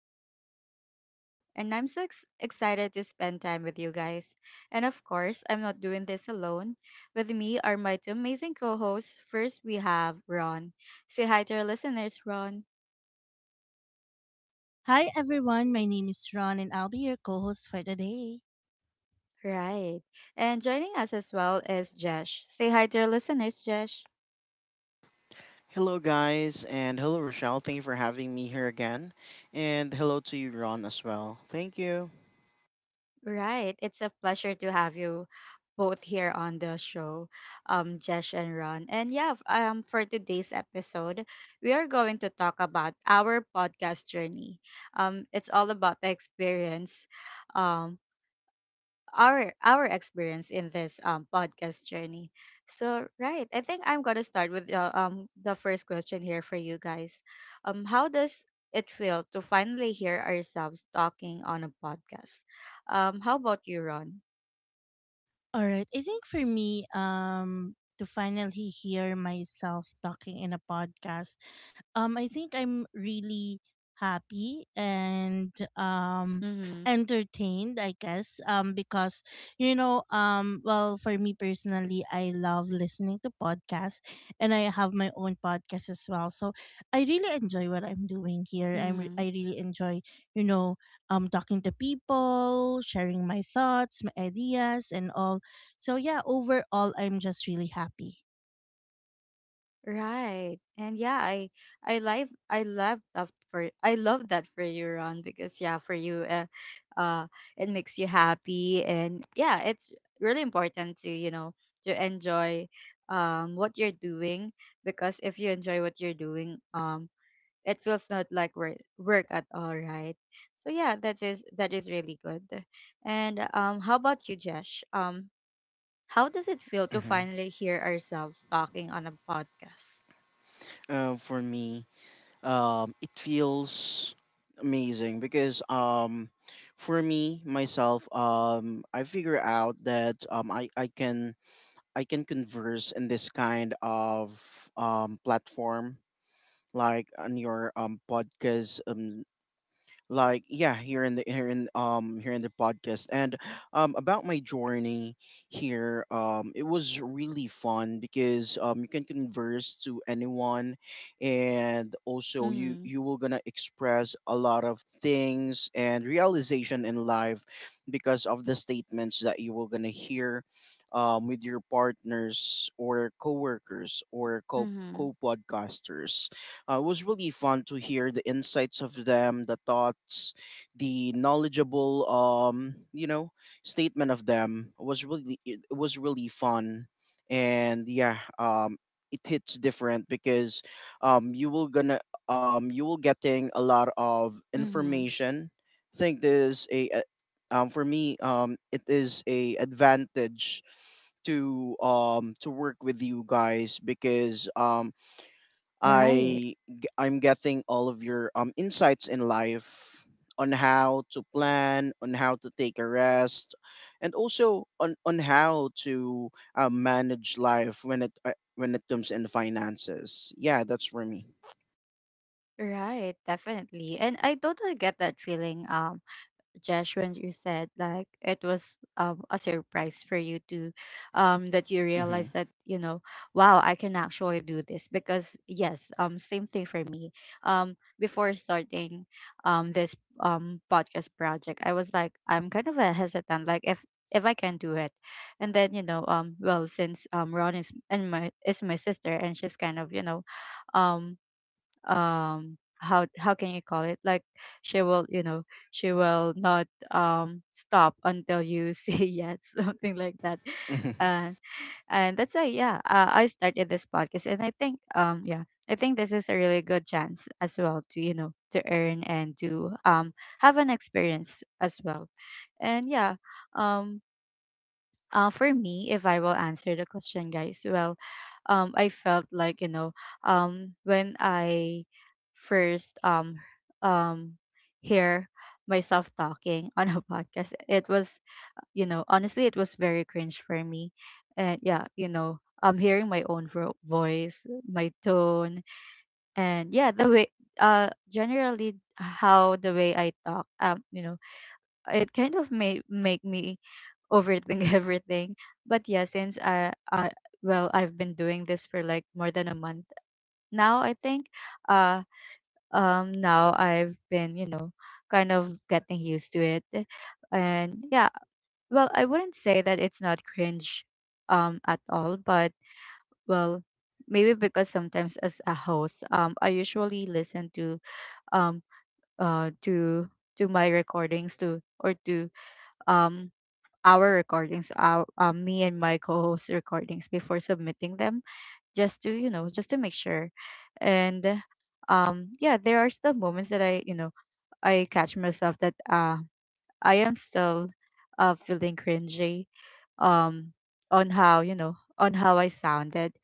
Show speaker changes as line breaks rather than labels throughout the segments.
your host, Rochelle, and I'm so excited to spend time with you guys. And of course, I'm not doing this alone. With me are my two amazing co hosts. First, we have Ron. Say hi to our listeners, Ron.
Hi everyone, my name is Ron and I'll be your co-host for today.
Right. And joining us as well is Jesh. Say hi to our listeners, Jesh.
Hello, guys, and hello, Rochelle. Thank you for having me here again. And hello to you, Ron, as well. Thank you.
Right. It's a pleasure to have you both here on the show, Jesh and Ron. And yeah, for today's episode, we are going to talk about our podcast journey. It's all about the experience, um, our experience in this podcast journey. So right, I think I'm gonna start with the first question here for you guys. How does it feel to finally hear ourselves talking on a podcast? How about you, Ron?
All right, I think for me to finally hear myself talking in a podcast, I think I'm really happy and um
Mm-hmm.
entertained, I guess, because well, for me personally, I love listening to podcasts, and I have my own podcast as well, so I really enjoy what I'm doing here.
Mm-hmm.
I really enjoy, you know, talking to people, sharing my thoughts, my ideas and all. So yeah, overall I'm just really happy.
Right. And yeah, I love that for you, Ron, because yeah, for you uh it makes you happy, and yeah, it's really important to enjoy what you're doing, because if you enjoy what you're doing, it feels not like work at all, right? So yeah, that is really good. And how about you, Jesh? How does it feel to
hmm
finally hear ourselves talking on a podcast?
For me, it feels amazing because for me myself, I, figure out that I can converse in this kind of platform, like on your podcast. Like, yeah, here in the, here in, here in the podcast. And about my journey here, it was really fun because you can converse to anyone, and also you
Mhm,
you will gonna express a lot of things and realization in life because of the statements that you will gonna hear, with your partners or coworkers or co
mhm,
co-podcasters It was really fun to hear the insights of them, the thoughts, the knowledgeable, statement of them. It was really fun, and yeah, it hits different because um, you will gonna you will getting a lot of
mhm.
information. I think there's a- For me, it is a advantage to work with you guys because
Right.
I'm getting all of your insights in life, on how to plan, on how to take a rest, and also on how to manage life when it comes in finances. Yeah, that's for me.
Right, definitely. And I totally get that feeling. Josh, when you said like it was a surprise for you to that you
Hmm.
realize that wow, I can actually do this. Because yes, same thing for me. Before starting this podcast project, I was like, I'm kind of a hesitant like if I can do it. And then well, since Ron is and my is my sister, and she's kind of um how can you call it, like, she will you know she will not stop until you say yes, something like that. And and that's why, yeah, I started this podcast. And I think this is a really good chance as well to earn and to have an experience as well. And yeah, um for me, if I will answer the question, guys, well, I felt like, when I first um hear myself talking on a podcast, it was, honestly, it was very cringe for me. And yeah, I'm hearing my own voice, my tone, and yeah, the way, generally, how the way I talk, it kind of made make me overthink everything. But yeah, since I, well, I've been doing this for like more than a month now, I think. Uh, Now I've been, kind of getting used to it. And yeah, well, I wouldn't say that it's not cringe, at all, but well. Maybe because sometimes as a host, I usually listen to um uh to to my recordings to, or to um our recordings, our, me and my co-host recordings before submitting them, just to, just to make sure. And yeah, there are still moments that I you know I catch myself that, I am still, feeling cringy, um, on how, on how I sounded.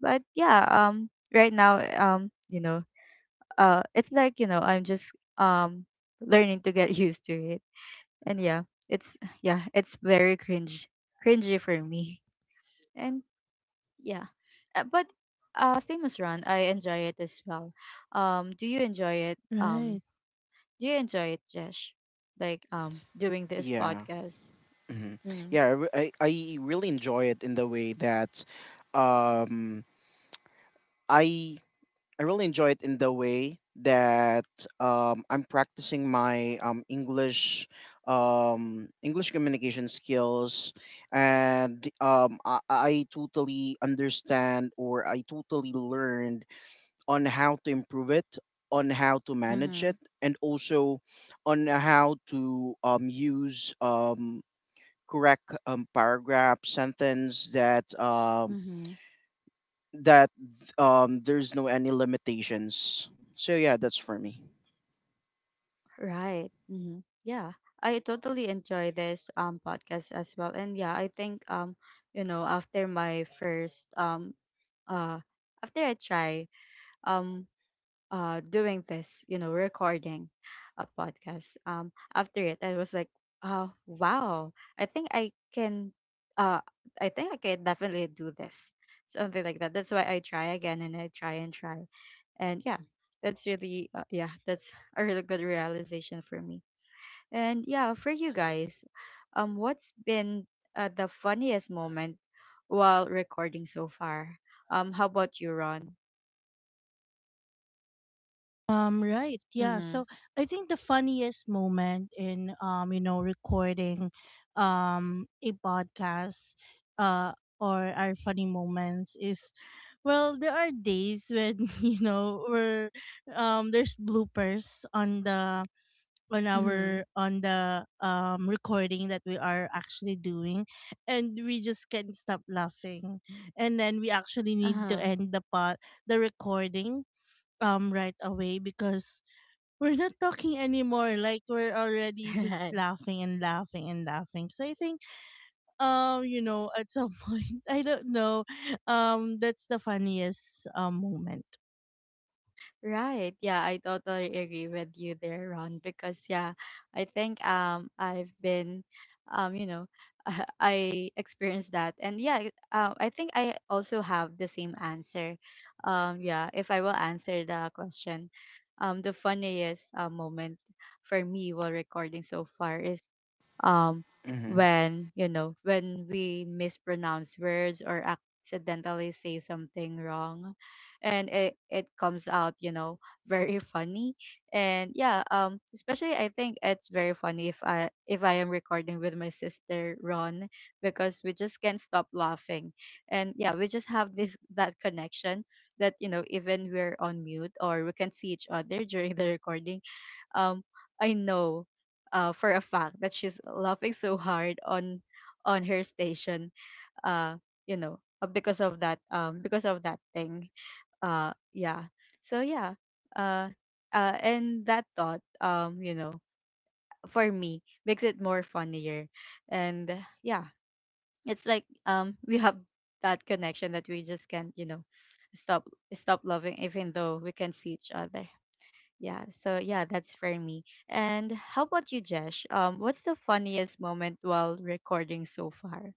But yeah, right now, um, you know it's like, I'm just um learning to get used to it. And yeah, it's, yeah, it's very cringe cringy for me. And yeah, but famous run, I enjoy it as well. Do you enjoy it
Right.
do you enjoy it, Jesh, like doing this
Yeah.
podcast?
hmm
Mm-hmm.
Yeah, I, re- I really enjoy it in the way that um I I really enjoy it in the way that I'm practicing my English communication skills, and I totally understand, or I totally learned on how to improve it, on how to manage
Mm-hmm.
it, and also on how to use correct paragraph sentence that,
Mm-hmm.
that there's no any limitations. So yeah, that's for me.
Right. Mm-hmm. Yeah. I totally enjoy this podcast as well. And yeah, I think, after my first uh after I try, um doing this, recording a podcast, after it I was like, oh wow, I think I can, uh definitely do this, something like that. That's why I try again, and I try and try. And yeah, that's a really good realization for me. And yeah, for you guys, what's been, the funniest moment while recording so far? How about you, Ron?
Right. Yeah.
Mm-hmm.
So I think the funniest moment in, you know, recording a podcast, uh or our funny moments, is well, there are days when, you know, we're there's bloopers on the on our
Mm-hmm.
on the recording that we are actually doing, and we just can't stop laughing. And then we actually need to
Uh-huh.
end the recording right away because we're not talking anymore, like we're already just
Right.
laughing and laughing and laughing. So I think, you know, at some point, I don't know, that's the funniest moment.
Right. Yeah, I totally agree with you there, Ron. Because yeah, I think I've been, um you know I experienced that. And yeah, I think I also have the same answer. Yeah, if I will answer the question, the funniest, moment for me while recording so far is, um
hmm
when, you know, when we mispronounce words or accidentally say something wrong, and it comes out, very funny. And yeah, especially, I think it's very funny if I am recording with my sister Ron, because we just can't stop laughing. And yeah, we just have this, that connection that, even we're on mute or we can see each other during the recording. um I know, for a fact, that she's laughing so hard on her station, uh because of that thing. Yeah. So yeah. uh and that thought, for me makes it more funnier. And, yeah, it's like, we have that connection that we just can't, stop stop loving even though we can see each other. Yeah, so yeah, that's for me. And how about you, Jesh? What's the funniest moment while recording so far?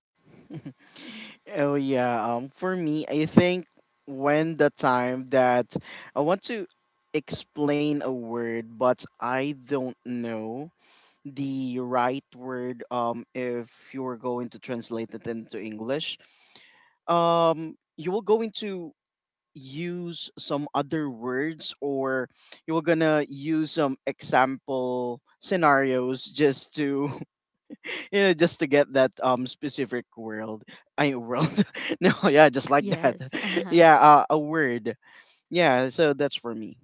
Oh yeah. For me, I think when the time that I want to explain a word, but I don't know the right word. If you're going to translate it into English, you will go into use some other words, or you were gonna use some example scenarios just to just to get that specific world no, yeah, just like that.
Yes.
Yeah, a word. Yeah, so that's for me.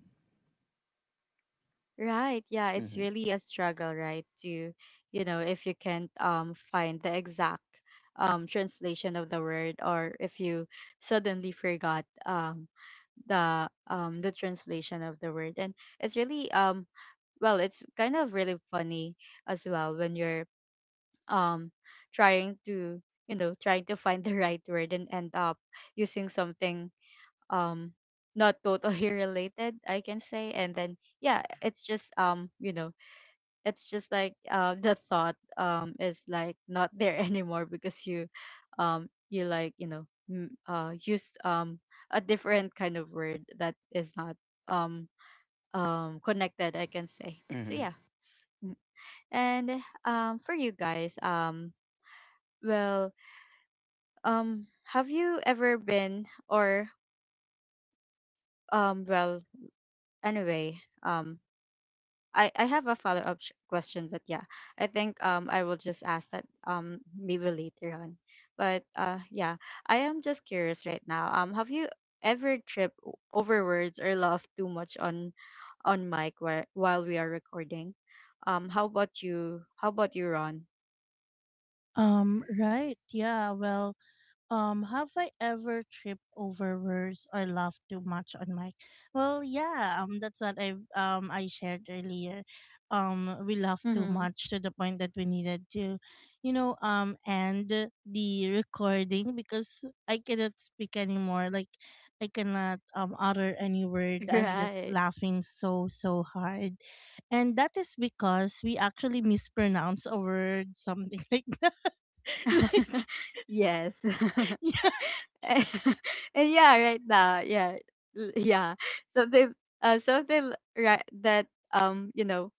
Right. Yeah, it's
hmm
really a struggle, right? To, if you can't find the exact translation of the word, or if you suddenly forgot, the translation of the word. And it's really, well, it's kind of really funny as well when you're, um trying to trying to find the right word and end up using something, um not totally related, I can say. And then yeah, it's just, it's just like, the thought, is like not there anymore, because you like use a different kind of word that is not, um connected, I can say, so
hmm
yeah. Mm. And for you guys, well, have you ever been, or, well, anyway, um I have a follow up question, but yeah, I think I will just ask that maybe later on. But yeah, I am just curious right now. Have you ever tripped over words or laughed too much on mic, while we are recording? How about you? How about you, Ron?
um right yeah well have I ever tripped over words or laughed too much on mic? Well, yeah, that's what I shared earlier. We laughed too
Mm-hmm.
much to the point that we needed to, you know, end the recording because I cannot speak anymore. Like, I cannot utter any word. I'm just
Right.
laughing so so hard, and that is because we actually mispronounce a word, something like that. Like,
Yes.
yeah.
And and yeah, right now, yeah, yeah. Something, something right that, um you know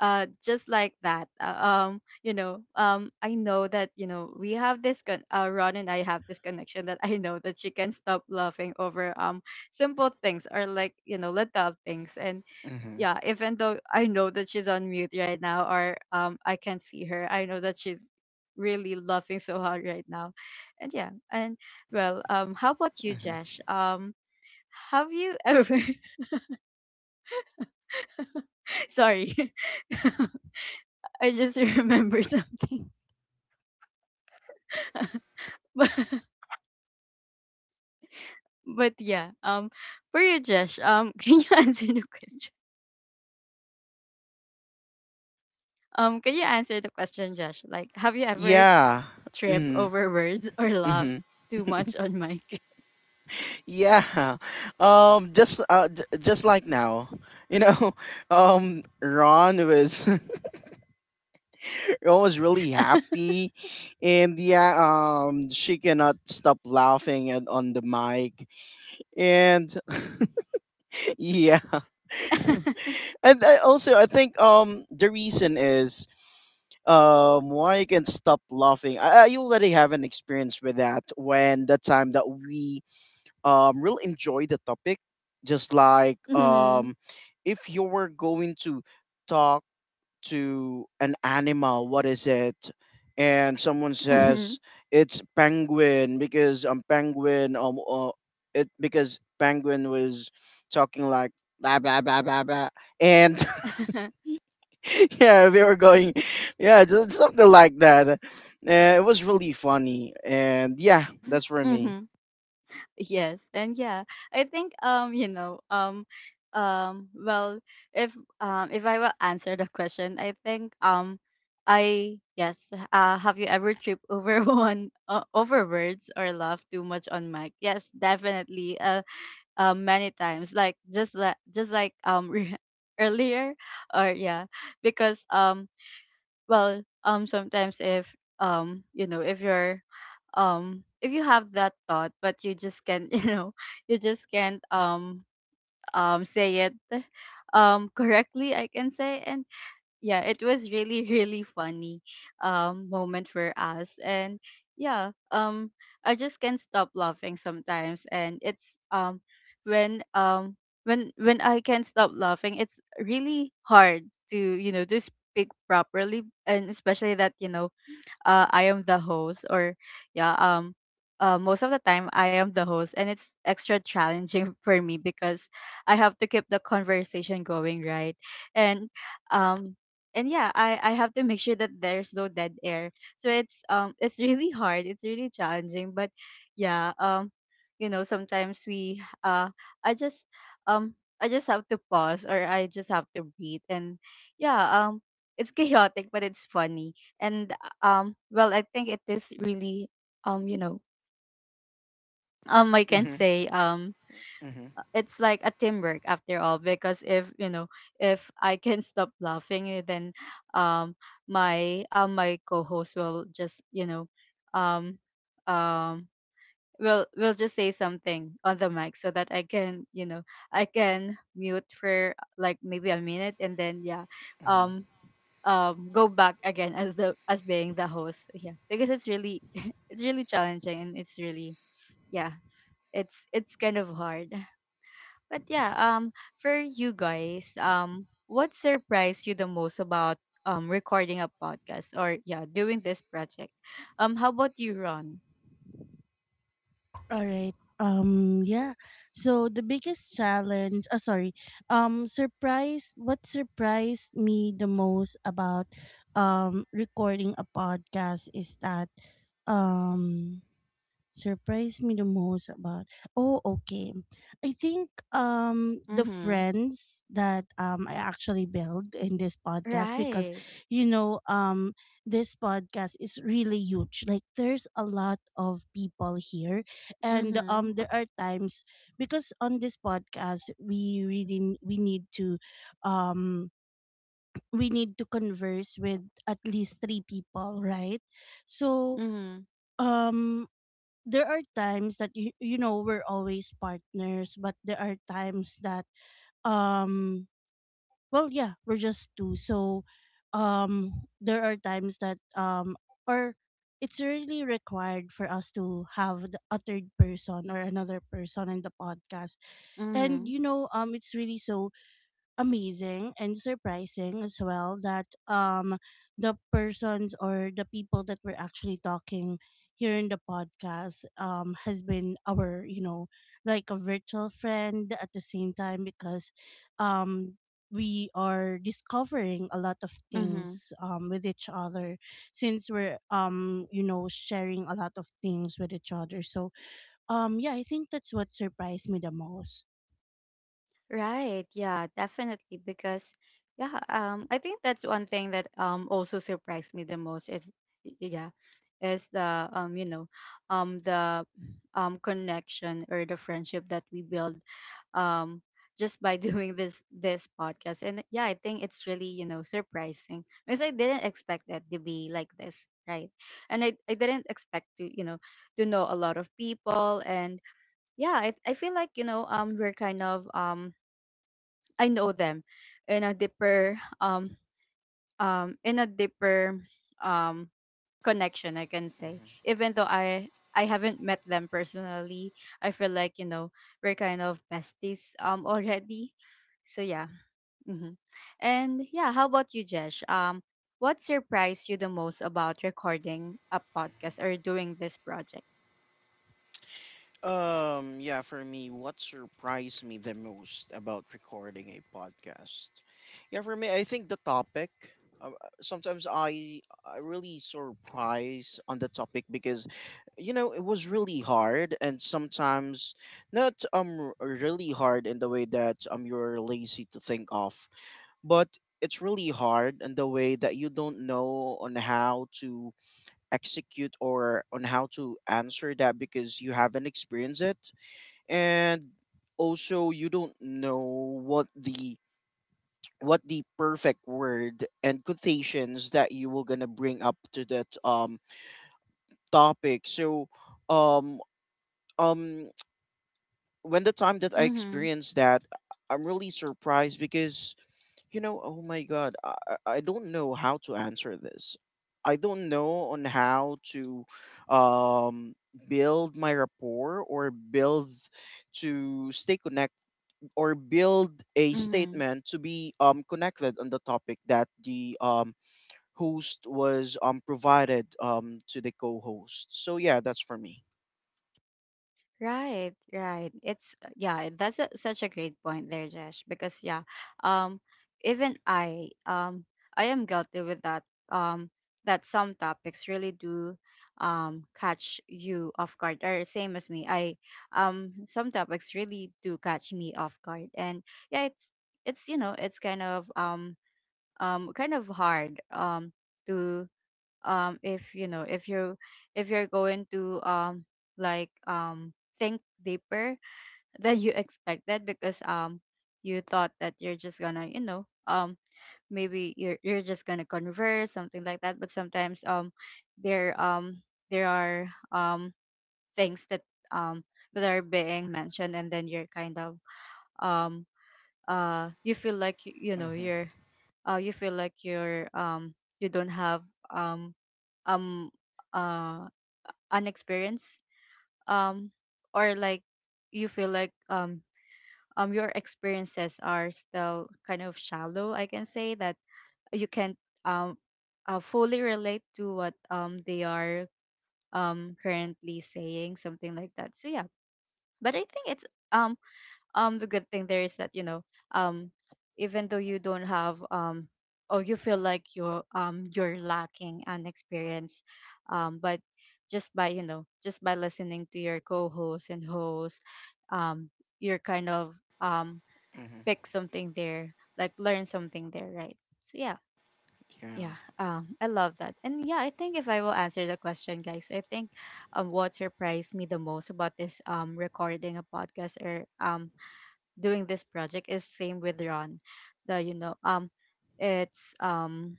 just like that. I know that, we have this Ron and I have this connection that I know that she can stop laughing over, simple things, or like, little things. And
hmm
yeah, even though I know that she's on mute right now, or I can't see her, I know that she's really laughing so hard right now. And yeah, and well, how about you,
hmm
Jash? Have you ever sorry, I just remember something. But yeah, for you, Josh, can you answer the question? Can you answer the question, Josh? Like, have you ever
yeah.
tripped
hmm
over words or laughed
hmm
too much on mic?
yeah. Just just like now, you know Ron was. I was really happy, and yeah, she cannot stop laughing at, on the mic, and yeah, and I think the reason is why I can stop laughing. I already have an experience with that when the time that we really enjoy the topic, just like,
Mm-hmm.
if you were going to talk to an animal, what is it? And someone says it's penguin because penguin, it because penguin was talking like blah blah blah blah blah, and yeah, we were going, yeah, just something like that. It was really funny, and yeah, that's for me.
Mm-hmm. Yes, and yeah, I think, well, if if I will answer the question, I think, I, yes, have you ever tripped over one over words or laughed too much on mic? Yes, definitely. Many times, like just like, earlier. Or yeah, because, well, sometimes if, if you're if you have that thought, but you just can't you just can't, say it, correctly, I can say. And yeah, it was really really funny, moment for us. And yeah, I just can't stop laughing sometimes, and it's, when, when I can't stop laughing it's really hard to, speak properly. And especially that, I am the host, or yeah, most of the time I am the host, and it's extra challenging for me because I have to keep the conversation going, right? And um and yeah, I have to make sure that there's no dead air. So it's really hard. It's really challenging. But yeah, sometimes we I just um I just have to pause, or I just have to breathe. And yeah, it's chaotic but it's funny. And well, I think it is really, um, you know, I can
Mm-hmm,
say,
mm-hmm,
it's like a teamwork after all. Because if you know, if I can stop laughing, eh, then, um, my co-host will just, um, um, will just say something on the mic, so that I can mute for like maybe a minute, and then yeah,
mm-hmm.
um go back again as the as being the host. Yeah, because it's really it's really challenging, and it's really yeah, it's kind of hard. But yeah, for you guys, what surprised you the most about recording a podcast, or yeah, doing this project? How about you, Ron?
All right. Yeah. So the biggest challenge, sorry. Surprise What surprised me the most about recording a podcast is that um Surprised me the most about oh okay I think, the
Mm-hmm.
friends that I actually build in this podcast because,
Right.
you know, this podcast is really huge, like there's a lot of people here. And
Mm-hmm.
there are times, because on this podcast we really we need to, um we need to converse with at least three people, right? So,
Mm-hmm.
um there are times that you know, we're always partners, but there are times that, um well, yeah, we're just two, so there are times that, or it's really required for us to have a third person or another person in the podcast. And
Mm-hmm.
you know, it's really so amazing and surprising as well that the persons or the people that we're actually talking here in the podcast has been our, you know, like a virtual friend at the same time, because um we are discovering a lot of
Mm-hmm.
things with each other, since we're, you know, sharing a lot of things with each other. So, yeah, I think that's what surprised me the most.
Right. Yeah, definitely. Because yeah, I think that's one thing that also surprised me the most is, yeah, is the um the connection or the friendship that we build, um just by doing this podcast. And yeah, I think it's really, surprising, because I didn't expect it to be like this, right? And I didn't expect to, to know a lot of people. And yeah, I feel like, we're kind of, I know them in a deeper, in a deeper, um connection, I can say. Even though I, haven't met them personally, I feel like, we're kind of besties, already. So yeah. Hmm. And yeah, how about you, Jesh? What surprised you the most about recording a podcast or doing this project?
Yeah, for me, what surprised me the most about recording a podcast? Yeah, for me, I think the topic. Sometimes I really surprise on the topic because, it was really hard, and sometimes not really hard in the way that you're lazy to think of, but it's really hard in the way that you don't know on how to execute or on how to answer that because you haven't experienced it, and also you don't know what the what the perfect word and quotations that you were gonna bring up to that topic. So, um um when the time that I
Mm-hmm.
experienced that, I'm really surprised because, you know, oh my god, I don't know how to answer this. I don't know on how to um build my rapport, or build to stay connected, or build a
Mm-hmm.
statement to be connected on the topic that the host was provided to the co-host. So yeah, that's for me.
Right, right. It's, yeah, that's such a great point there, Jesh, because yeah, um even I am guilty with that, um that some topics really do, catch you off guard, or same as me. I Some topics really do catch me off guard. And yeah, it's kind of, kind of hard, to, if if you if you're going to, like um think deeper than you expected, because you thought that you're just gonna, maybe you're just gonna converse something like that. But sometimes, there um there are, um things that, um that are being mentioned, and then you're kind of, um you feel like, you're, you feel like you're, you don't have, um um uh an experience, um or like you feel like, your experiences are still kind of shallow, I can say that you can't, um fully relate to what, they are, currently saying, something like that. So yeah. But I think, it's um the good thing there is that, you know, um even though you don't have, or you feel like you're, you're lacking an experience, but just by, just by listening to your co-host and host, um you're kind of, um
Mm-hmm.
pick something there, like learn something there, right? So yeah.
Yeah.
Yeah. I love that. And yeah, I think, if I will answer the question, guys, I think what surprised me the most about this, recording a podcast, or doing this project, is same with Ron. The you know it's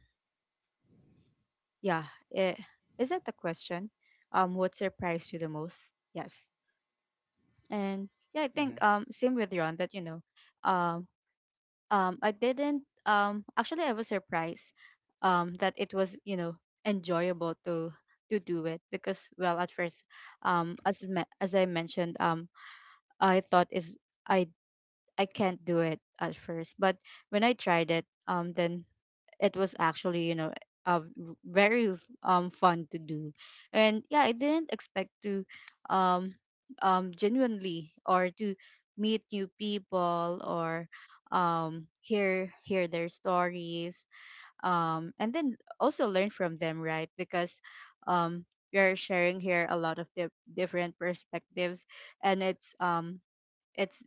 yeah It is that the question, what surprised you the most? Yes. And yeah, I
Mm-hmm.
think, same with Ron, that, um I didn't actually I was surprised, that it was, you know, enjoyable to do it. Because well, at first, as as I mentioned, I thought is I I can't do it at first. But when I tried it, then it was actually, you know, very fun to do. And yeah, I didn't expect to, um genuinely, or to meet new people, or hear their stories, and then also learn from them, right? Because, um we are sharing here a lot of different perspectives. And it's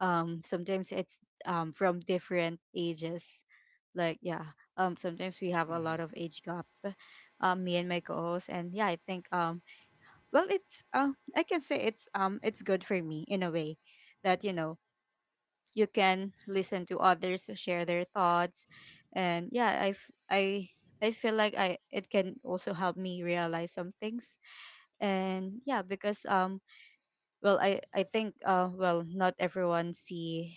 sometimes it's from different ages, like, yeah, sometimes we have a lot of age gap, me and my co-host. And yeah, I think, well, it's I can say, it's good for me in a way, that you can listen to others share their thoughts. And yeah, I feel like, I it can also help me realize some things. And yeah, because, well, I think, well, not everyone see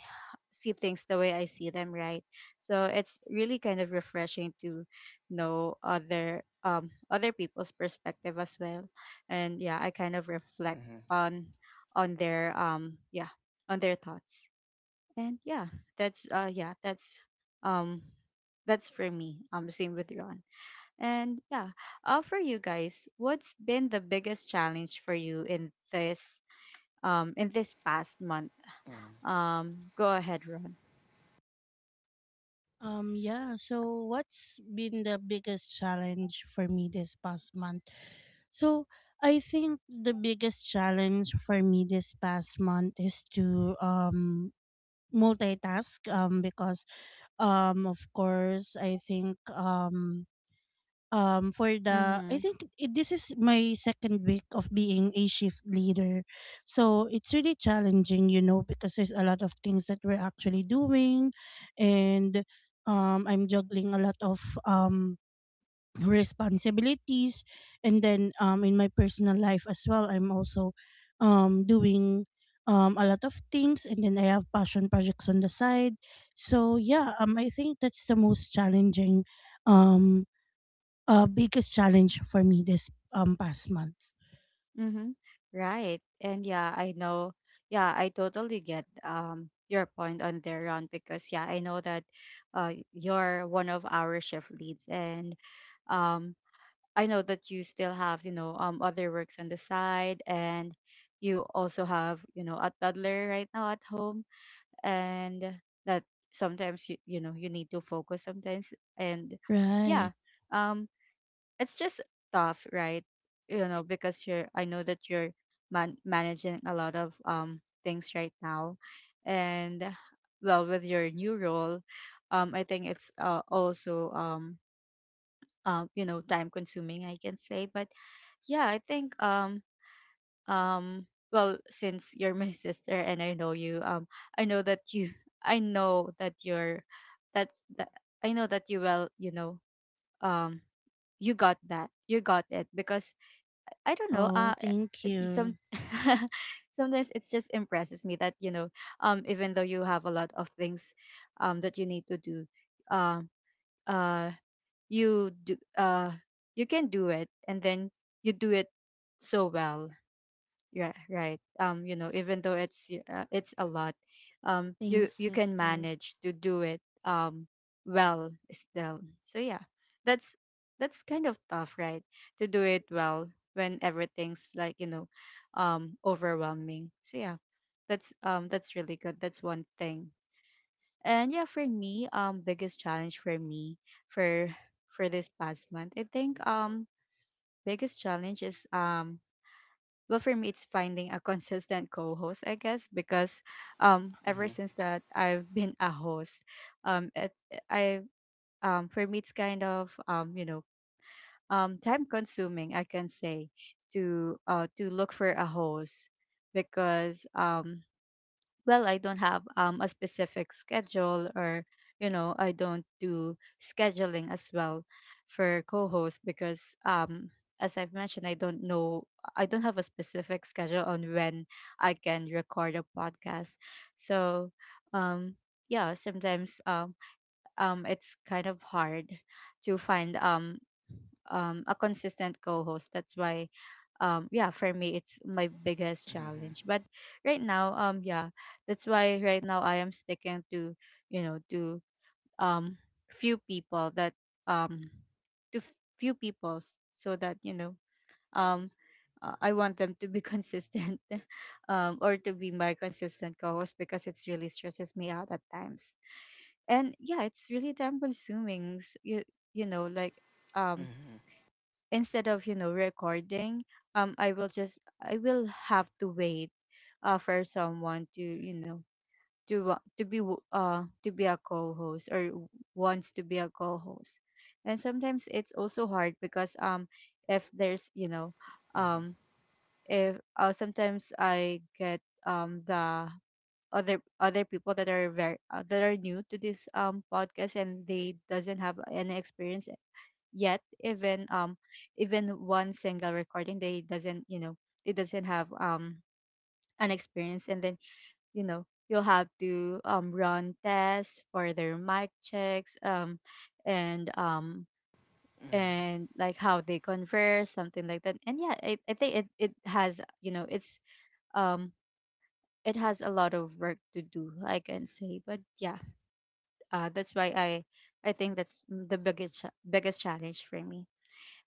see things the way I see them, right? So it's really kind of refreshing to know other people's perspective as well. And yeah, I kind of reflect
Mm-hmm.
on on their thoughts. And yeah, that's yeah um that's for me, same with Ron. And yeah, for you guys, what's been the biggest challenge for you in this, in this past month? Go ahead, Ron.
Yeah, so what's been the biggest challenge for me this past month? So I think the biggest challenge for me this past month is to multitask because, of course, I think, for the I
Mhm.
think it, this is my second week of being a shift leader. So it's really challenging, you know, because there's a lot of things that we're actually doing, and I'm juggling a lot of responsibilities, and then in my personal life as well, I'm also doing a lot of things, and then I have passion projects on the side. So yeah, I think that's the most challenging, um biggest challenge for me this past month.
Mhm. Right. And yeah, I know. Yeah, I totally get, your point on there, Ron, because yeah, I know that, you're one of our shift leads, and um I know that you still have, you know, other works on the side, and you also have, you know, a toddler right now at home, and that sometimes you need to focus sometimes. And
Right.
yeah. Um it's just tough, right? You know, because you're I know that you're, managing a lot of, things right now, and well, with your new role, I think it's, also, you know, time consuming, I can say. But yeah, I think, um well, since you're my sister, and I know you, I know that you I know that you're that's that I know that you will, you know, um you got that, you got it, because I don't know.
Oh, thank
Some
you.
sometimes it just impresses me that, you know, even though you have a lot of things, that you need to do, um, uh, you do, uh, you can do it, and then you do it so well. Yeah, right. You know, even though it's a lot, you
Thanks,
you can
sister.
manage to do it, well, still. So yeah, that's that's kind of tough, right? To do it well when everything's, like, you know, overwhelming. So yeah, that's really good. That's one thing. And yeah, for me, biggest challenge for me for this past month, I think, biggest challenge is, well, for me, it's finding a consistent co-host, I guess. Because ever
Mm-hmm.
since that I've been a host, it I for me, it's kind of, time consuming, I can say, to look for a host. Because well, I don't have, a specific schedule. Or, you know, I don't do scheduling as well for co-hosts, because um as I've mentioned, I don't have a specific schedule on when I can record a podcast. So, um yeah, sometimes, it's kind of hard to find, a consistent co-host. That's why, yeah, for me, it's my biggest challenge.
Mm-hmm.
But right now, yeah, that's why right now I am sticking to, you know, to, um, few people that, um, to few people, so that, you know, um, I want them to be consistent, or to be my consistent co-host, because it's really stresses me out at times. And yeah, it's really time consuming. You, like um
Mm-hmm.
instead of recording, I will have to wait, for someone to to be a co-host or wants to be a co-host. And sometimes it's also hard because, if there's you know
Mm-hmm.
um if sometimes I get the other people that are very, that are new to this podcast, and they doesn't have any experience yet, even even one single recording, they doesn't, it doesn't have an experience. And then, you'll have to run tests for their mic checks, and um and like how they converse, something like that. And yeah, I think it has, it's um it has a lot of work to do, I can say. But yeah, that's why I think that's the biggest challenge for me.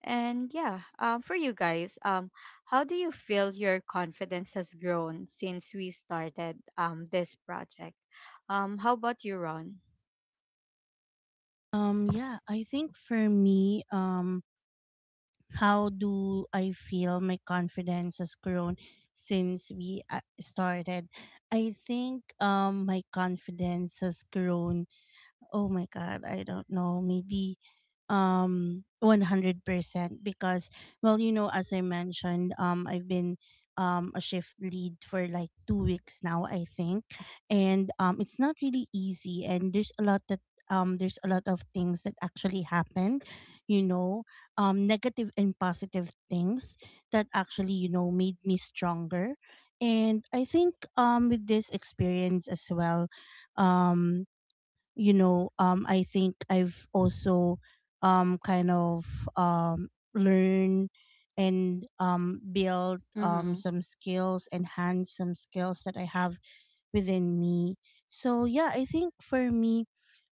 And yeah, for you guys, how do you feel your confidence has grown since we started this project? How about you, Ron?
Yeah, I think for me, how do I feel my confidence has grown since we, started? I think my confidence has grown, oh my god, I don't know. Maybe 100%, because, well, you know, as I mentioned, I've been a shift lead for like two weeks now, I think. And it's not really easy, and there's a lot that, there's a lot of things that actually happened, you know, negative and positive things that actually, you know, made me stronger. And I think with this experience as well, um I think I've also kind of um learned and build
Mm-hmm.
some skills, enhance some skills that I have within me. So yeah, I think for me,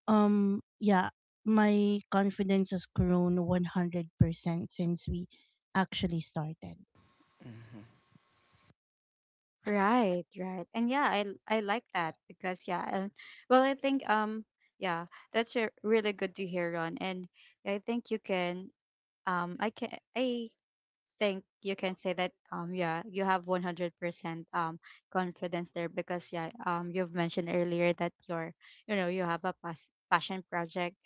yeah, my confidence has grown 100% since we actually started.
Right, right. And yeah, I like that because yeah, and well, I think, yeah, that's a really good to hear, Ron. And I think you can I can I think you can say that, yeah, you have 100% confidence there because yeah, you've mentioned earlier that you're, you have a passion project,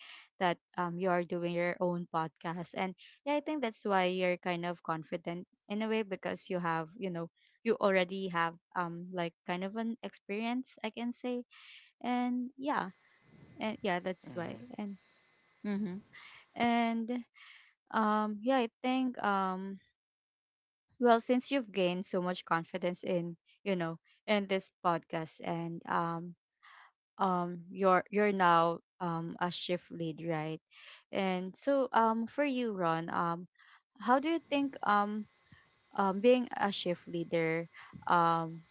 that, you are doing your own podcast. And yeah, I think that's why you're kind of confident in a way because you already have, like, kind of an experience, I can say. and yeah and yeah, that's why. And mm-hmm. and yeah, I think, well, since you've gained so much confidence you know, in this podcast, and you're now a shift lead, right? And so, for you, Ron, how do you think, being a shift leader, um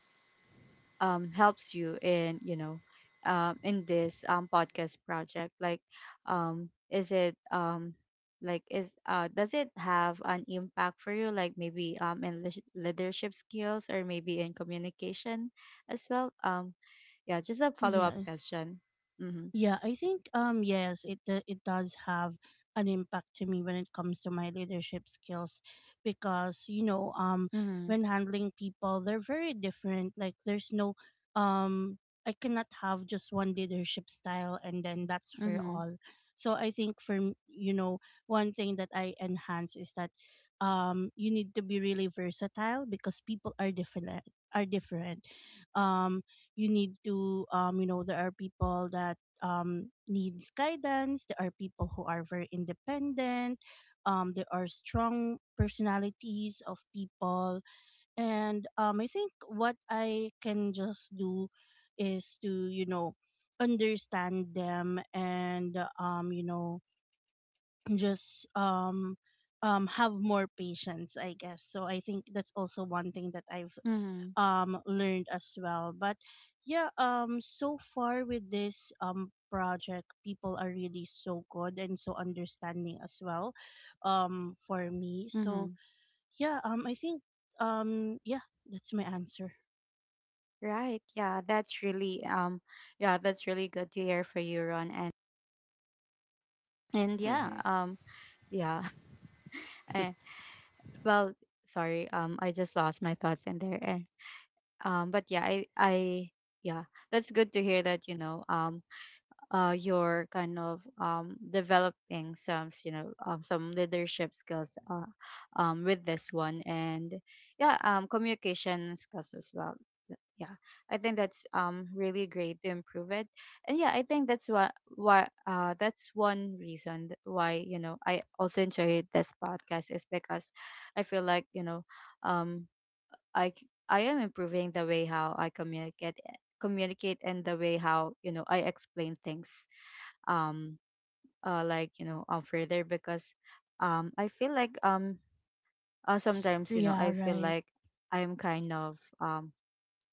helps you in, in this, podcast project, like, is it, like is does it have an impact for you, like maybe, in leadership skills, or maybe in communication as well, yeah, just a follow-up
Yes.
question. Mm-hmm.
Yeah, I think yes, it does have an impact to me when it comes to my leadership skills, because you know,
Mm-hmm.
when handling people, they're very different. Like, there's no um I cannot have just one leadership style and then that's for
Mm-hmm.
all. So I think you know, one thing that I enhance is that, you need to be really versatile because people are different. Um, you need to, you know, there are people that, needs guidance. There are people who are very independent. There are strong personalities of people, and I think what I can just do is to, you know, understand them and, you know, just have more patience, I guess. So I think that's also one thing that I've
Mm-hmm.
learned as well. But yeah, so far with this project, people are really so good and so understanding as well, for me. So
Mm-hmm.
yeah, I think, yeah, that's my answer.
Right, yeah, that's really, yeah, that's really good to hear for you, Ron. And yeah, yeah. Well, sorry, I just lost my thoughts in there. And but yeah, I yeah, that's good to hear that, you're kind of developing some, some leadership skills, with this one. And yeah, communication skills as well. Yeah, I think that's really great to improve it. And yeah, I think that's what why that's one reason why, you know, I also enjoy this podcast is because I feel like, um I am improving the way how I communicate, and the way how, I explain things, um like, further, because I feel like,
S-
sometimes, you know,
yeah
I feel
right
like I'm kind of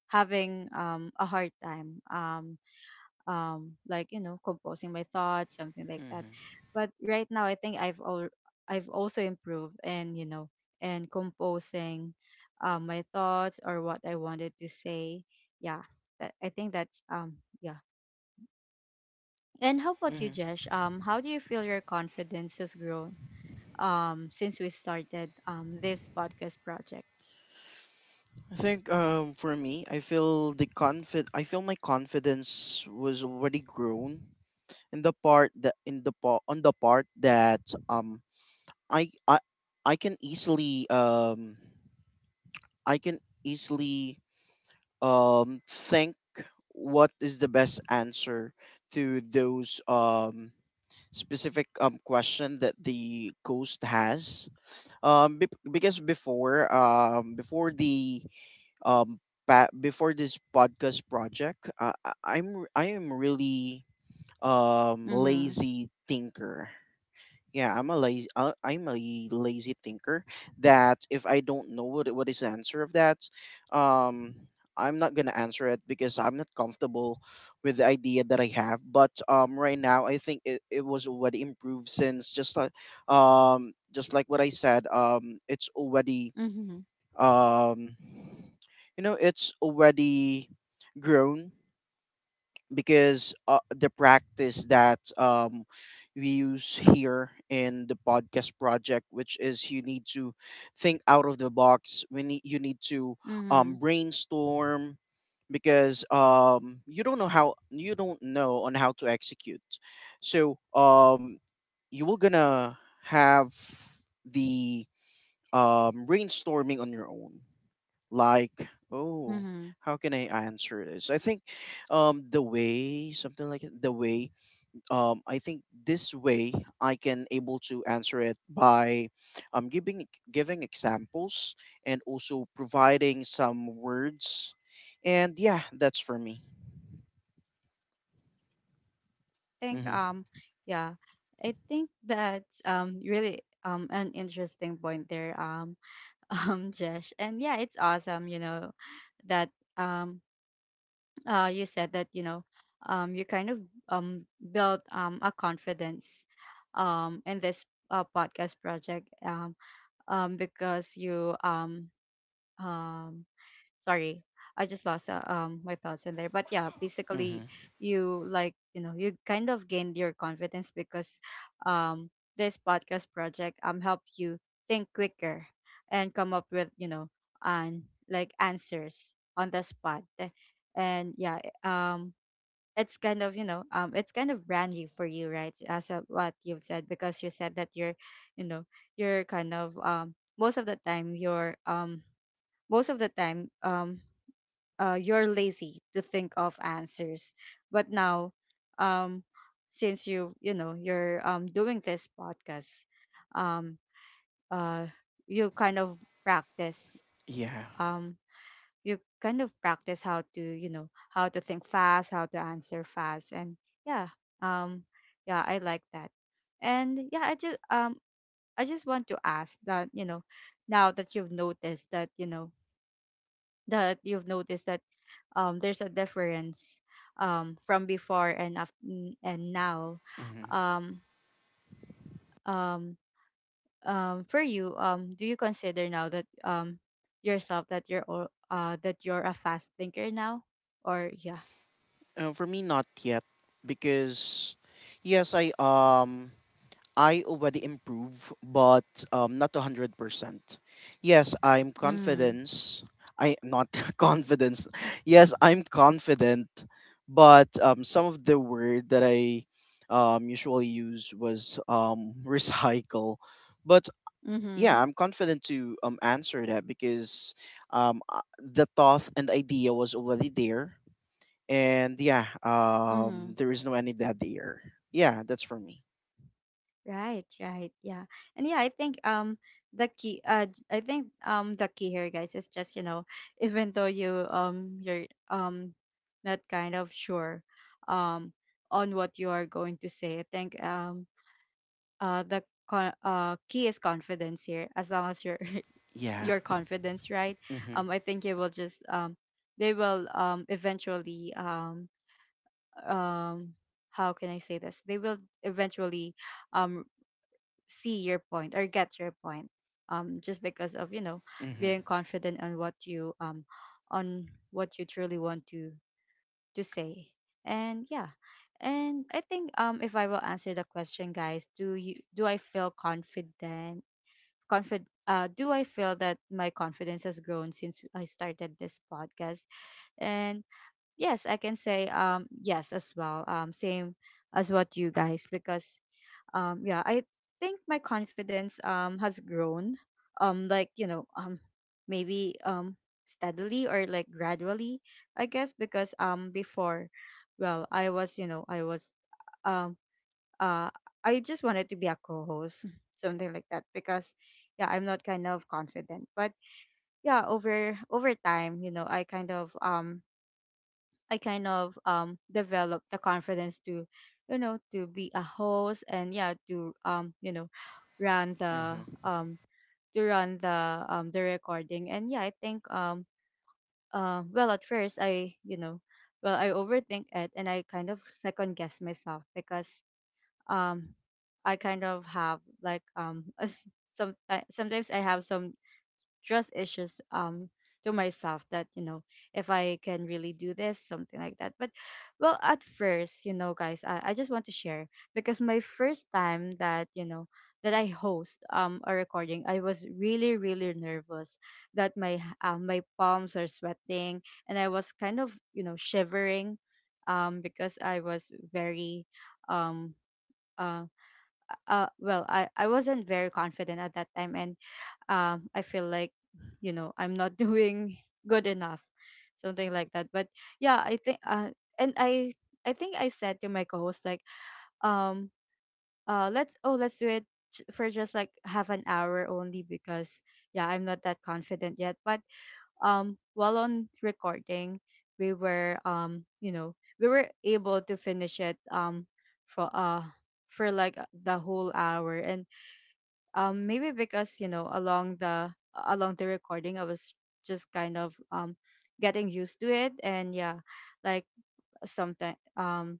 having a hard time, like, composing my thoughts, something like that.
Mm-hmm.
But right now, I think I've also improved in, in composing my thoughts or what I wanted to say. Yeah, I think that's yeah. And how about you,
Mm-hmm.
Jesh? How do you feel your confidence has grown since we started this podcast project?
I think, for me, I feel I feel my confidence was already grown in the part that in the part on the part that um I I I can easily, I can easily think what is the best answer to those specific question that the ghost has. Because um before this podcast project, I am really
Mm-hmm.
lazy thinker. Yeah, I'm a lazy thinker, that if I don't know what is the answer of that, um I'm not gonna answer it because I'm not comfortable with the idea that I have. But right now I think it was already improved, since, just like what I said, it's already,
Mm-hmm.
um it's already grown because, the practice that we use here in the podcast project, which is you need to think out of the box. We need You need to
Mm-hmm.
brainstorm because, you don't know on how to execute. So, you will gonna have the brainstorming on your own, like, oh,
Mm-hmm.
how can I answer this? I think the way, something like it, the way, I think this way I can able to answer it by giving examples, and also providing some words, and yeah, that's for me.
think
Mm-hmm,
Yeah, I think that's really, an interesting point there, Jesh, and yeah, it's awesome, you know, that, um you said that, you kind of um built a confidence in this, podcast project, because you, um Sorry, I just lost my thoughts in there. But yeah, basically,
mm-hmm,
you kind of gained your confidence because um this podcast project helped you think quicker and come up with, you know and like, answers on the spot. And yeah, it's kind of brand new for you, right? As of what you've said, because you said that you're you know you're kind of most of the time, you're lazy to think of answers. But now, um, since you're, doing this podcast, um, uh, you kind of practice.
yeah,
Um, you kind of practice how to, how to think fast, how to answer fast, and yeah, um, yeah, I like that. And yeah, I just want to ask that, now that you've noticed that you know that you've noticed that, there's a difference, from before and and now.
mm-hmm.
Um, um, for you, do you consider now that, yourself, that that you're a fast thinker now, or yeah?
For me, not yet, because yes, I already improve, but, not 100%. Yes, I'm
Mm.
confidence. I not confidence. Yes, I'm confident, but some of the word that I usually use was, recycle. But yeah,
Mm-hmm.
I'm confident to answer that because, the thought and idea was already there, and yeah,
Mm-hmm.
there is no any dead air. Yeah, that's for me.
Right, right. Yeah. And yeah, I think I think the key here, guys, is just, you know, even though you're um not kind of sure um on what you are going to say, I think the key is confidence here. As long as you're
Yeah.
your confidence, right?
Mm-hmm.
I think you will just they will, eventually, um how can I say this? They will eventually um see your point or get your point, just because of,
Mhm.
being confident on what you truly want to say. And yeah, and I think, if I will answer the question, guys, do I feel confident, confid do I feel that my confidence has grown since I started this podcast? And yes, I can say, yes as well, same as what you guys, because yeah, I think my confidence, has grown, like, you know, maybe, steadily, or like, gradually, I guess, because before, well, I was you know I was um uh I just wanted to be a co-host something like that, because yeah, I'm not kind of confident. But yeah, over time, you know, I kind of I kind of developed the confidence to, you know, to be a host. And yeah, to, you know, run the
Mhm.
to run the, the recording. And yeah, I think, well, at first, I, you know, well, I overthink it and I kind of second guess myself because um I kind of have, like, some, sometimes I have some trust issues, to myself, that, you know, if I can really do this, something like that. But well, at first, you know, guys, I just want to share because my first time that, that I host a recording, I was really, really nervous, that my my palms are sweating, and I was kind of, you know, shivering, because I was very, um uh well, I wasn't very confident at that time, and, I feel like, you know, I'm not doing good enough, something like that. But yeah, I think, and I think I said to my co-host, like, um, let's, oh, let's do it for just like half an hour only, because yeah, I'm not that confident yet. But, while on recording, we were, you know, we were able to finish it, for uh for like the whole hour. And, maybe because, you know, along the recording, I was just kind of, getting used to it. And yeah, like, something,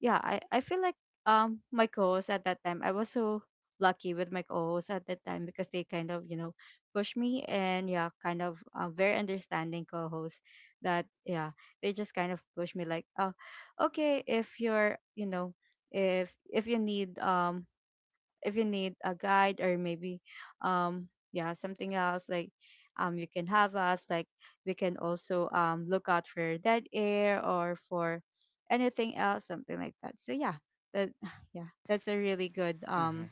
yeah, I feel like, my co-host at that time, I was so lucky with my co-host at that time because they kind of, you know, pushed me, and yeah, kind of, very understanding co-host, that yeah, they just kind of pushed me, like, oh, okay, if you're, you know, if you need, if you need a guide, or maybe, yeah, something else, like, you can have us, like, we can also look out for dead air or for anything else, something like that. So yeah, that yeah, that's a really good,
Mhm.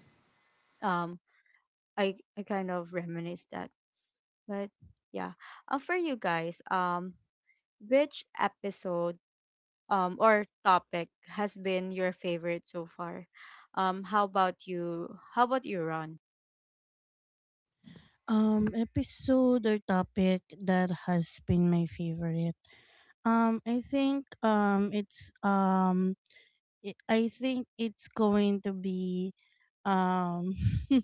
um I kind of reminisce that. But yeah, for you guys, which episode, or topic has been your favorite so far? How about you, Ron?
um, episode or topic that has been my favorite, I think, it's I think it's going to be, um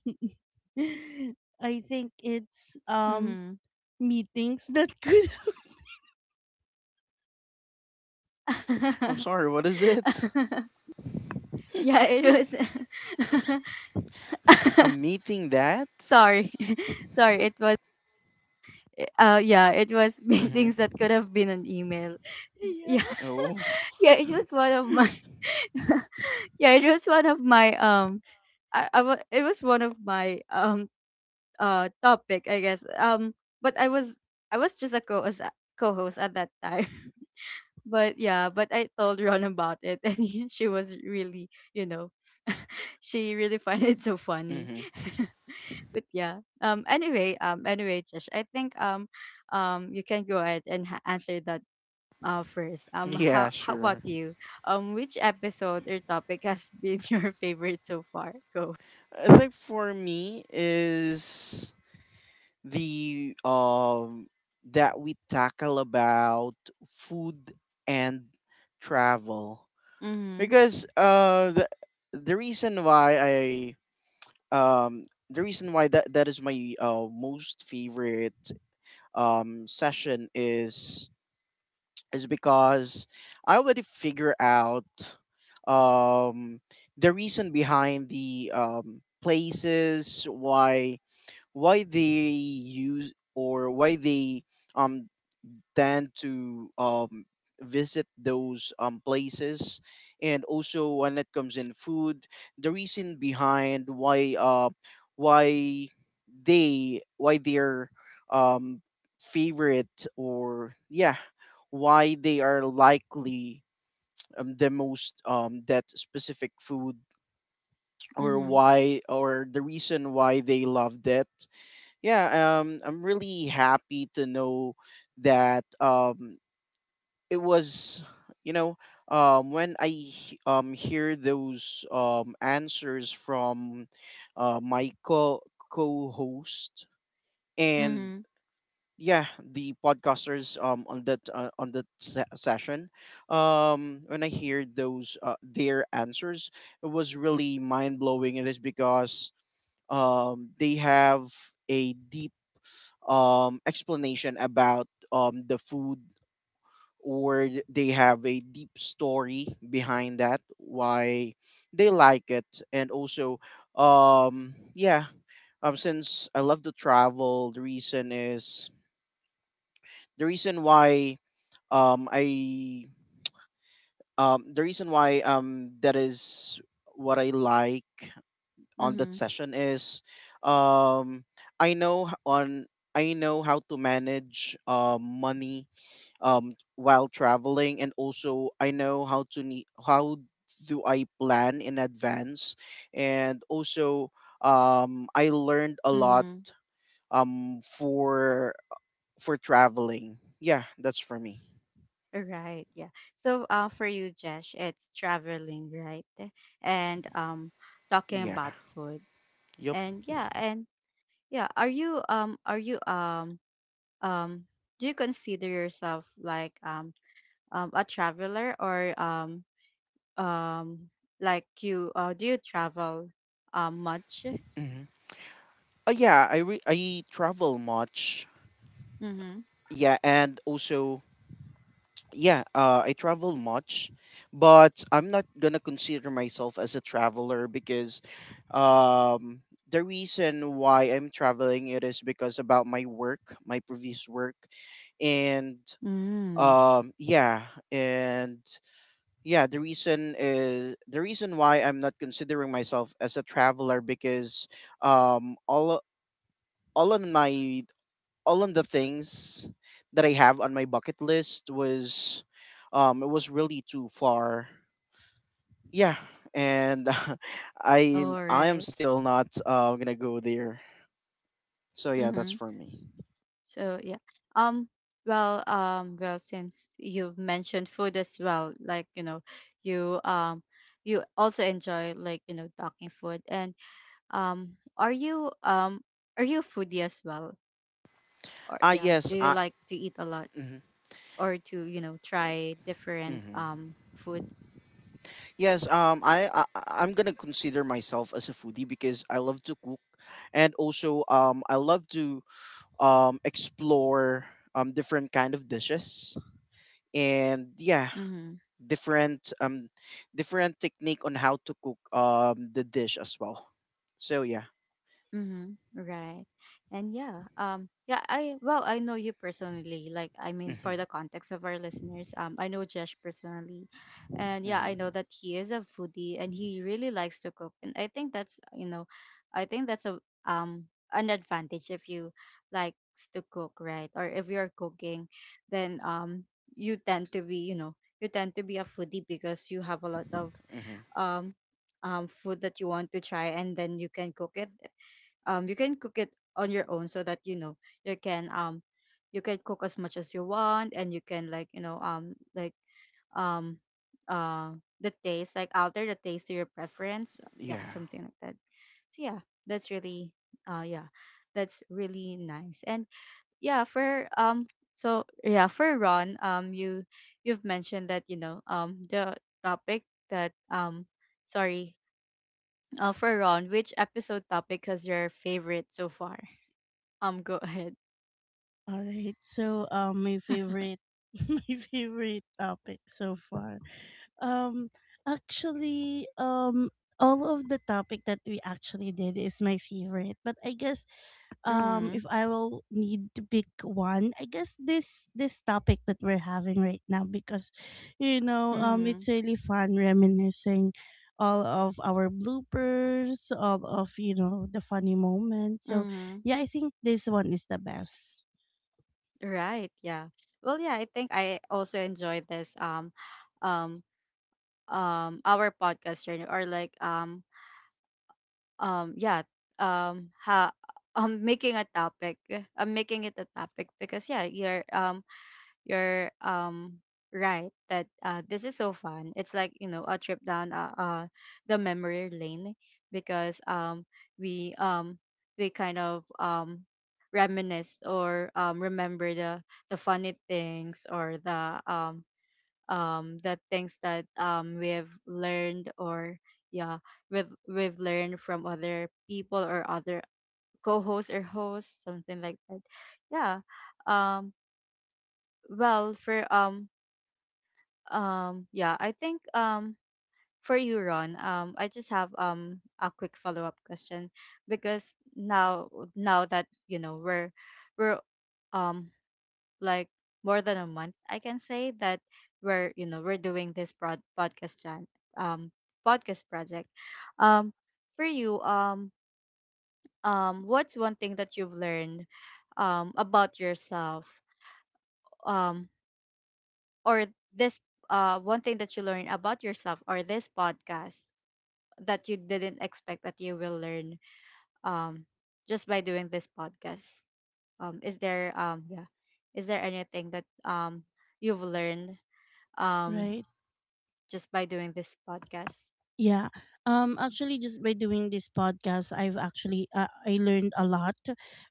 I think it's, meetings that could
I'm sorry, what is it?
Yeah, it was.
A meeting that.
Sorry. Sorry, it was. Yeah, it was
Mhm.
meetings that could have been an email.
yeah.
Yeah,
Oh.
yeah, it was one of my. Yeah, it was one of my, it was one of my topic, I guess, but I was just a co as co-host at that time. But yeah, but I told Ron about it, and she was really, you know, she really find it so funny.
Mhm.
But yeah, anyway, Josh, I think, you can go ahead and answer that first.
Yeah,
How about
sure.
you? Which episode or topic has been your favorite so far? Go.
I think for me is the, that we tackle about food and travel,
Mhm.
because the reason why, I the reason why that, that is my most favorite session is, because I already figure out, um, the reason behind the, places, why they use, or why they um, than to visit those places. And also when it comes in food, the reason behind why, why they why their um favorite, or yeah, why they are likely the most that specific food, or
Mhm.
why, or the reason why they loved it. Yeah, I'm really happy to know that, it was, you know when hear those answers from my co co-host, and
Mhm.
yeah, the podcasters on that, session. When I hear those, their answers, it was really mind-blowing. It is because, they have a deep, explanation about, the food. They have a deep story behind that, why they like it, and also, yeah, since I love to travel, the reason is the reason why I the reason why, that is what I like on that
Mhm.
session is, um I know h- on I know how to manage money while traveling, and also I know how do I plan in advance, and also I learned a lot,
Mhm.
for traveling. Yeah, that's for me.
Right, yeah. So, for you, Jesh, it's traveling, right? And talking
Yeah.
about food.
Yep.
And yeah, are you um do you consider yourself like a traveler, or um like you do you travel much?
hmm Oh yeah, I travel much.
Mm-hmm.
Yeah, and also, yeah, I travel much, but I'm not gonna consider myself as a traveler because, um, the reason why I'm traveling, it is because about my work, my previous work, and,
Mm.
yeah, and yeah, the reason why I'm not considering myself as a traveler because, um, all all of my all of the things that I have on my bucket list was, it was really too far. Yeah, and
All
I am
right.
still not, gonna go there. So yeah, that's
Mm-hmm.
for me.
So yeah. Um well, well, since you've mentioned food as well, like you know, you um you also enjoy, like you know, talking food. And um are you um are you a foodie as well? Or
Ah
yeah,
yes,
do you
I.
like to eat a lot,
Mhm,
or to, you know, try different
mhm.
food?
Yes, I'm gonna consider myself as a foodie because I love to cook, and also I love to explore different kind of dishes, and yeah,
Mm-hmm.
different um different technique on how to cook the dish as well. So yeah.
Mm-hmm. Right. And yeah, yeah, I know you personally. Like, I mean, for
Mm-hmm,
the context of our listeners, I know Josh personally, and yeah, I know
mm-hmm,
that he is a foodie and he really likes to cook, and I think that's a um an advantage if you likes to cook, right? Or if you're cooking, then you tend to be a foodie because you have a lot of
hmm,
um food that you want to try, and then You can cook it on your own, so that you know, you can um you can cook as much as you want, and you can um uh the taste like alter the taste to your preference. Yeah,
yeah,
something like that. So yeah, that's really, yeah, that's really nice. And yeah, for so yeah, for Ron, you've mentioned that you know, the topic that, sorry. For Ron, which episode topic is your favorite so far? Go ahead.
All right. So my favorite, my favorite topic so far. Um, actually, all of the topic that we actually did is my favorite, but I guess,
Mhm.
if I will need to pick one, I guess this topic that we're having right now, because you know,
Mhm.
it's really fun reminiscing all of our bloopers, all of, you know, the funny moments. So
Mhm.
yeah, I think this one is the best,
Right, yeah. Well, yeah, I think I also enjoy this um our podcast journey, or like yeah, ha making a topic. I'm making it a topic because yeah, you're right that this is so fun. It's like you know, a trip down the memory lane, because we um we kind of reminisce, or remember the funny things, or the things that we have learned, or yeah, we've learned from other people, or other co-hosts or hosts, something like that. Yeah. um well, for yeah, I think, for you, Ron, I just have a quick follow up question, because now that you know, we're um like more than a month, I can say, that we're you know we're doing this broad podcast, jan um podcast project. Um, for you, what's one thing that you've learned about yourself, um or this, one thing that you learned about yourself or this podcast that you didn't expect that you will learn, um just by doing this podcast. um is there um yeah is there anything that you've learned um
right?
just by doing this podcast?
Yeah. Um, actually just by doing this podcast I've actually, I learned a lot.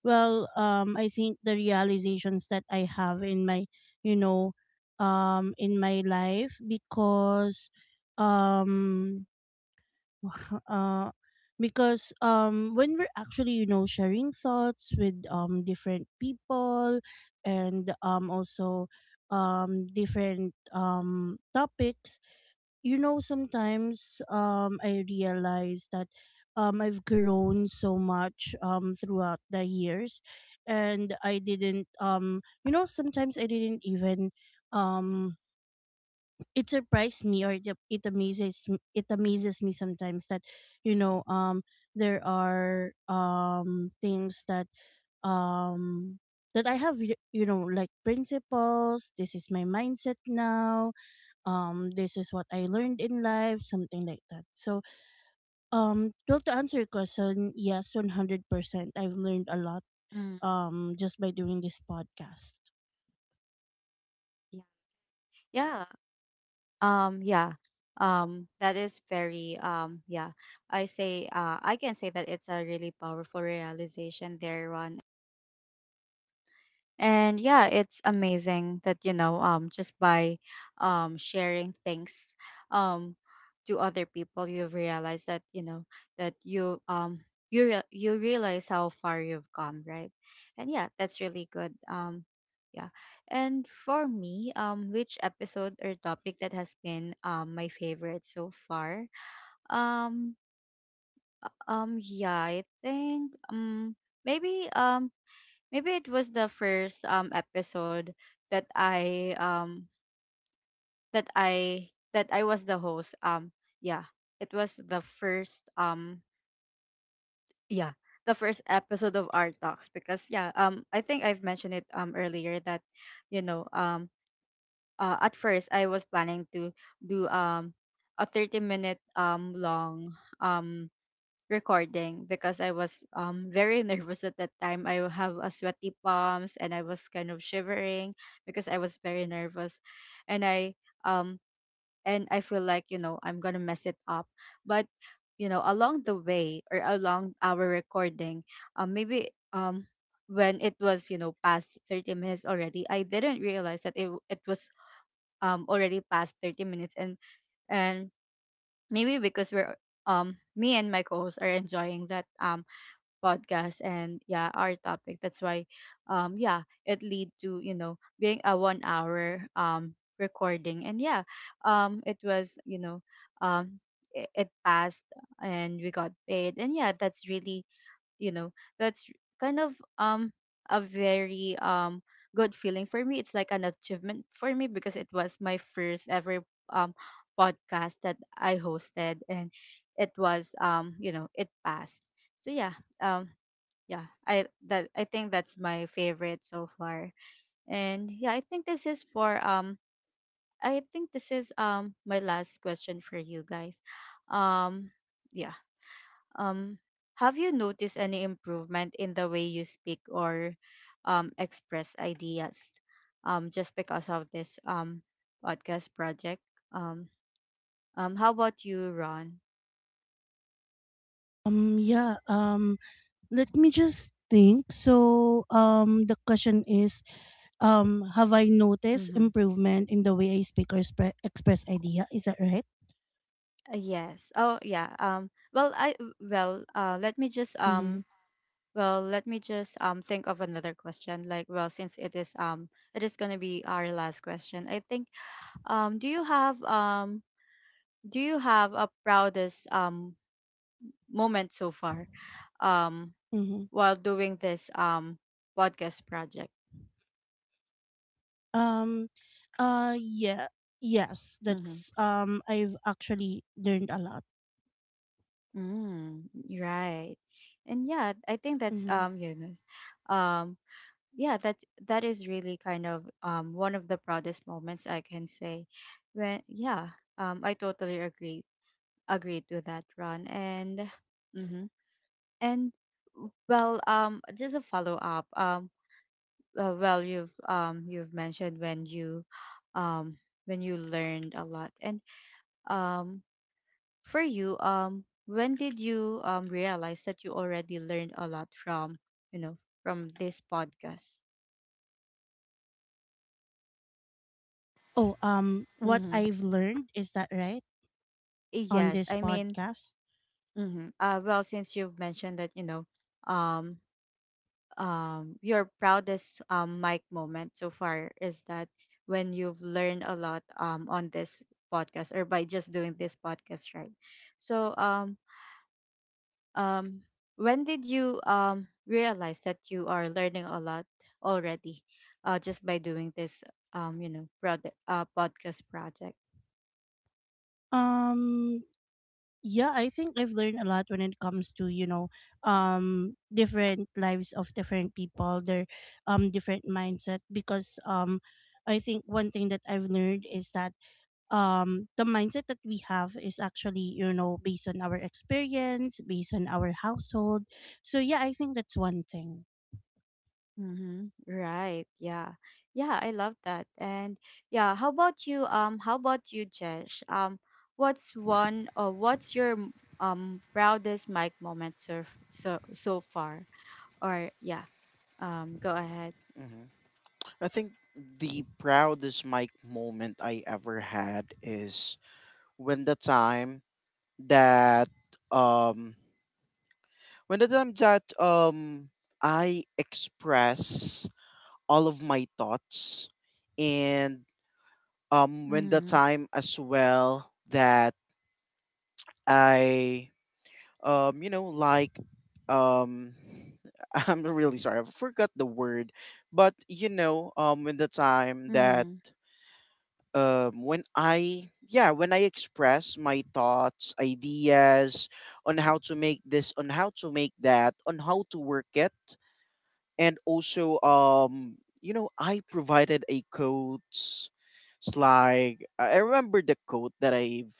Well, I think the realizations that I have in my, you know, in my life, because um uh because when we're actually, you know, sharing thoughts with different people, and also different topics, you know, sometimes I realize that I've grown so much throughout the years, and I didn't, you know, sometimes I didn't even, um it surprised me, or it amazes it amazes me sometimes that, you know, there are, things that, um that I have, you know, like principles. This is my mindset now, this is what I learned in life, something like that. So well, to answer your question, yes, 100%, I've learned a lot,
mm,
just by doing this podcast.
yeah. Yeah, yeah, that is very, yeah, I can say that it's a really powerful realization there, Ron. And yeah, it's amazing that you know, just by sharing things um to other people, you realize that you know, that you realize how far you've come, right. And yeah, that's really good. Yeah, and for me, which episode or topic that has been my favorite so far? um. Yeah, I think maybe um maybe it was the first episode that I that I that I was the host. Yeah, it was the first, yeah, the first episode of Art Talks, because yeah, I think I've mentioned it earlier that you know, at first I was planning to do, a 30-minute minute long um recording, because I was very nervous at that time. I have a sweaty palms, and I was kind of shivering because I was very nervous, and um I feel like you know, I'm gonna mess it up. But you know, along the way, or along our recording, maybe when it was, you know, past 30 minutes already, I didn't realize that it was, already past 30 minutes. And maybe because we're, me and my co-host are enjoying that podcast, and yeah, our topic, that's why, yeah, it lead to you know, being a 1 hour recording. And yeah, it was, you know, um it passed, and we got paid, and yeah, that's really, you know, that's kind of a very good feeling for me. It's like an achievement for me, because it was my first ever um podcast that I hosted, and it was, you know, it passed. So yeah. um yeah, I think that's my favorite so far. And yeah, I think this is my last question for you guys. um yeah um have you noticed any improvement in the way you speak, or express ideas, just because of this podcast project? um how about you, Ron?
Yeah. Let me just think. So the question is, have I noticed
Mm-hmm.
improvement in the way I speak or express idea, is that right?
Yes. Oh yeah, well I well let me just
Mm-hmm.
Well, let me just think of another question. Like, well, since it is gonna be our last question, I think. um do you have um do you have a proudest moment so far, um
Mm-hmm.
while doing this podcast project?
um yeah. Yes,
Mm-hmm.
that's, I've actually learned a lot.
Mm, right. And yeah, I think that's, you know, yeah that that is really kind of one of the proudest moments I can say. When yeah, I totally agree to that, Ron. And hmm and well, just a follow up. Well, you've mentioned when um, you learned a lot, and um, for you, when did you realize that you already learned a lot from you know, from this podcast?
Oh, what
Mm-hmm.
I've learned is that right on
Yes,
this
I mean.
podcast.
Mm-hmm. Well, since you've mentioned that you know, um, your proudest mic moment so far is that, when you've learned a lot on this podcast, or by just doing this podcast, right? So um when did you realize that you are learning a lot already, just by doing this, you know, product podcast project?
Um, yeah, I think I've learned a lot when it comes to, you know, different lives of different people, their different mindset. Because, I think one thing that I've learned is that the mindset that we have is actually, you know, based on our experience, based on our household. So yeah, I think that's one thing.
Mm-hmm. Right. Yeah. Yeah, I love that. And yeah, how about you? How about you, Jesh? What's one or what's your proudest mic moment so so far? Or yeah, go ahead.
mm-hmm. I think the proudest mic moment I ever had is when the time that um when the time that, I express all of my thoughts, and when the
Mm-hmm.
time as well that, I you know like um I'm really sorry, I forgot the word. But, in the time that,
Mm-hmm.
when I express my thoughts, ideas on how to make this, on how to make that, on how to work it, and also, I provided a quotes. It's like, I remember the quote that, i've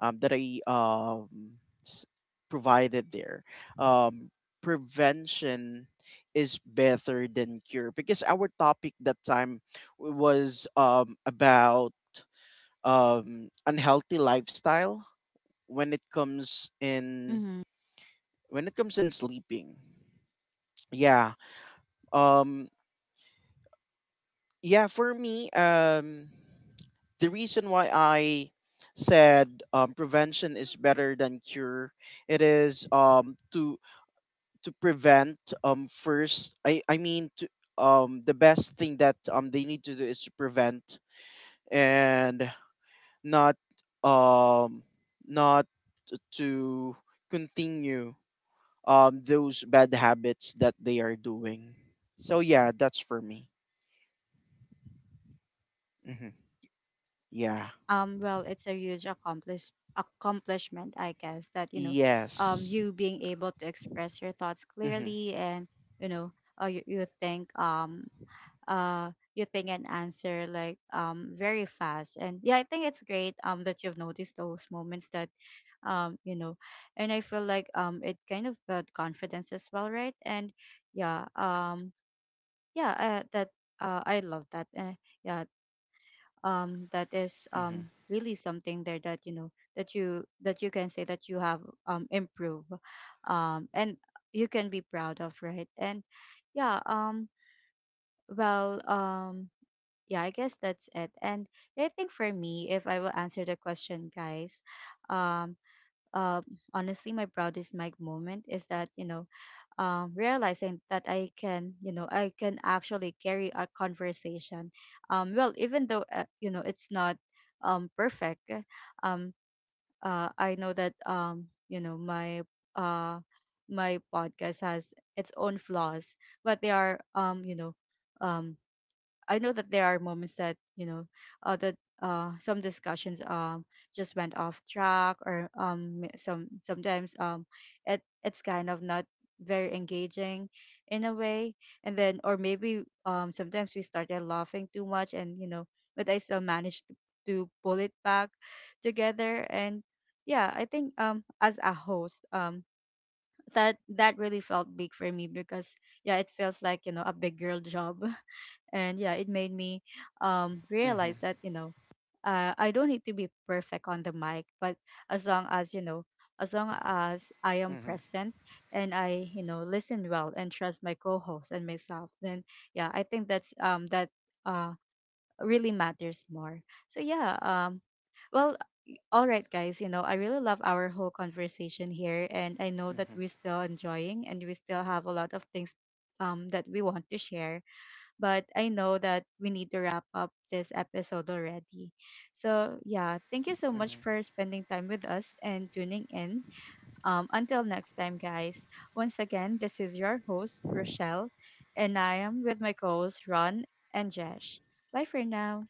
um that i um s- provided there, um prevention is better than cure, because our topic that time was, about unhealthy lifestyle, when it comes in
Mm-hmm.
when it comes in sleeping. Yeah, um yeah, for me, the reason why I said, prevention is better than cure, it is, to prevent. First I mean, the best thing that they need to do is to prevent, and not um not to continue those bad habits that they are doing. So yeah, that's for me. hmm yeah.
Well, it's a huge accomplishment, I guess, that you know,
Yes.
you being able to express your thoughts
Mhm,
clearly, and you know, uh, you, you think um you think and answer like very fast. And yeah, I think it's great, that you've noticed those moments that, you know. And I feel like, it kind of built confidence as well, right? And yeah, yeah, that I love that, yeah, that is,
mhm,
really something there, that you know, that you can say that you have improved, and you can be proud of, right. And yeah, well, yeah, I guess that's it. And I think for me, if I will answer the question, guys, um, uh, honestly, my proudest mic moment is that, you know, realizing that I can actually carry a conversation. Well, even though, you know, it's not perfect, eh, um, I know that, you know, uh, my podcast has its own flaws, but they are, you know, um I know that there are moments that you know, that some discussions just went off track, or sometimes it's kind of not very engaging, in a way. And then, or maybe, sometimes we started laughing too much, and you know, but I still managed to pull it back together. And yeah, I think, as a host, that really felt big for me, because yeah, it feels like, you know, a big girl job. And yeah, it made me
mhm,
realize that you know, I don't need to be perfect on the mic, but as long as you know, as long as I am
mhm,
present, and I, you know, listen well and trust my co-host and myself, then yeah, I think that's, that uh really matters more. So yeah. Well, all right, guys, you know, I really love our whole conversation here, and I know that
mhm,
we're still enjoying and we still have a lot of things that we want to share, but I know that we need to wrap up this episode already. So yeah, thank you so much
mhm.
for spending time with us and tuning in. Until next time, guys, once again, this is your host, Rochelle, and I am with my co hosts, Ron and Jesh. Bye for now.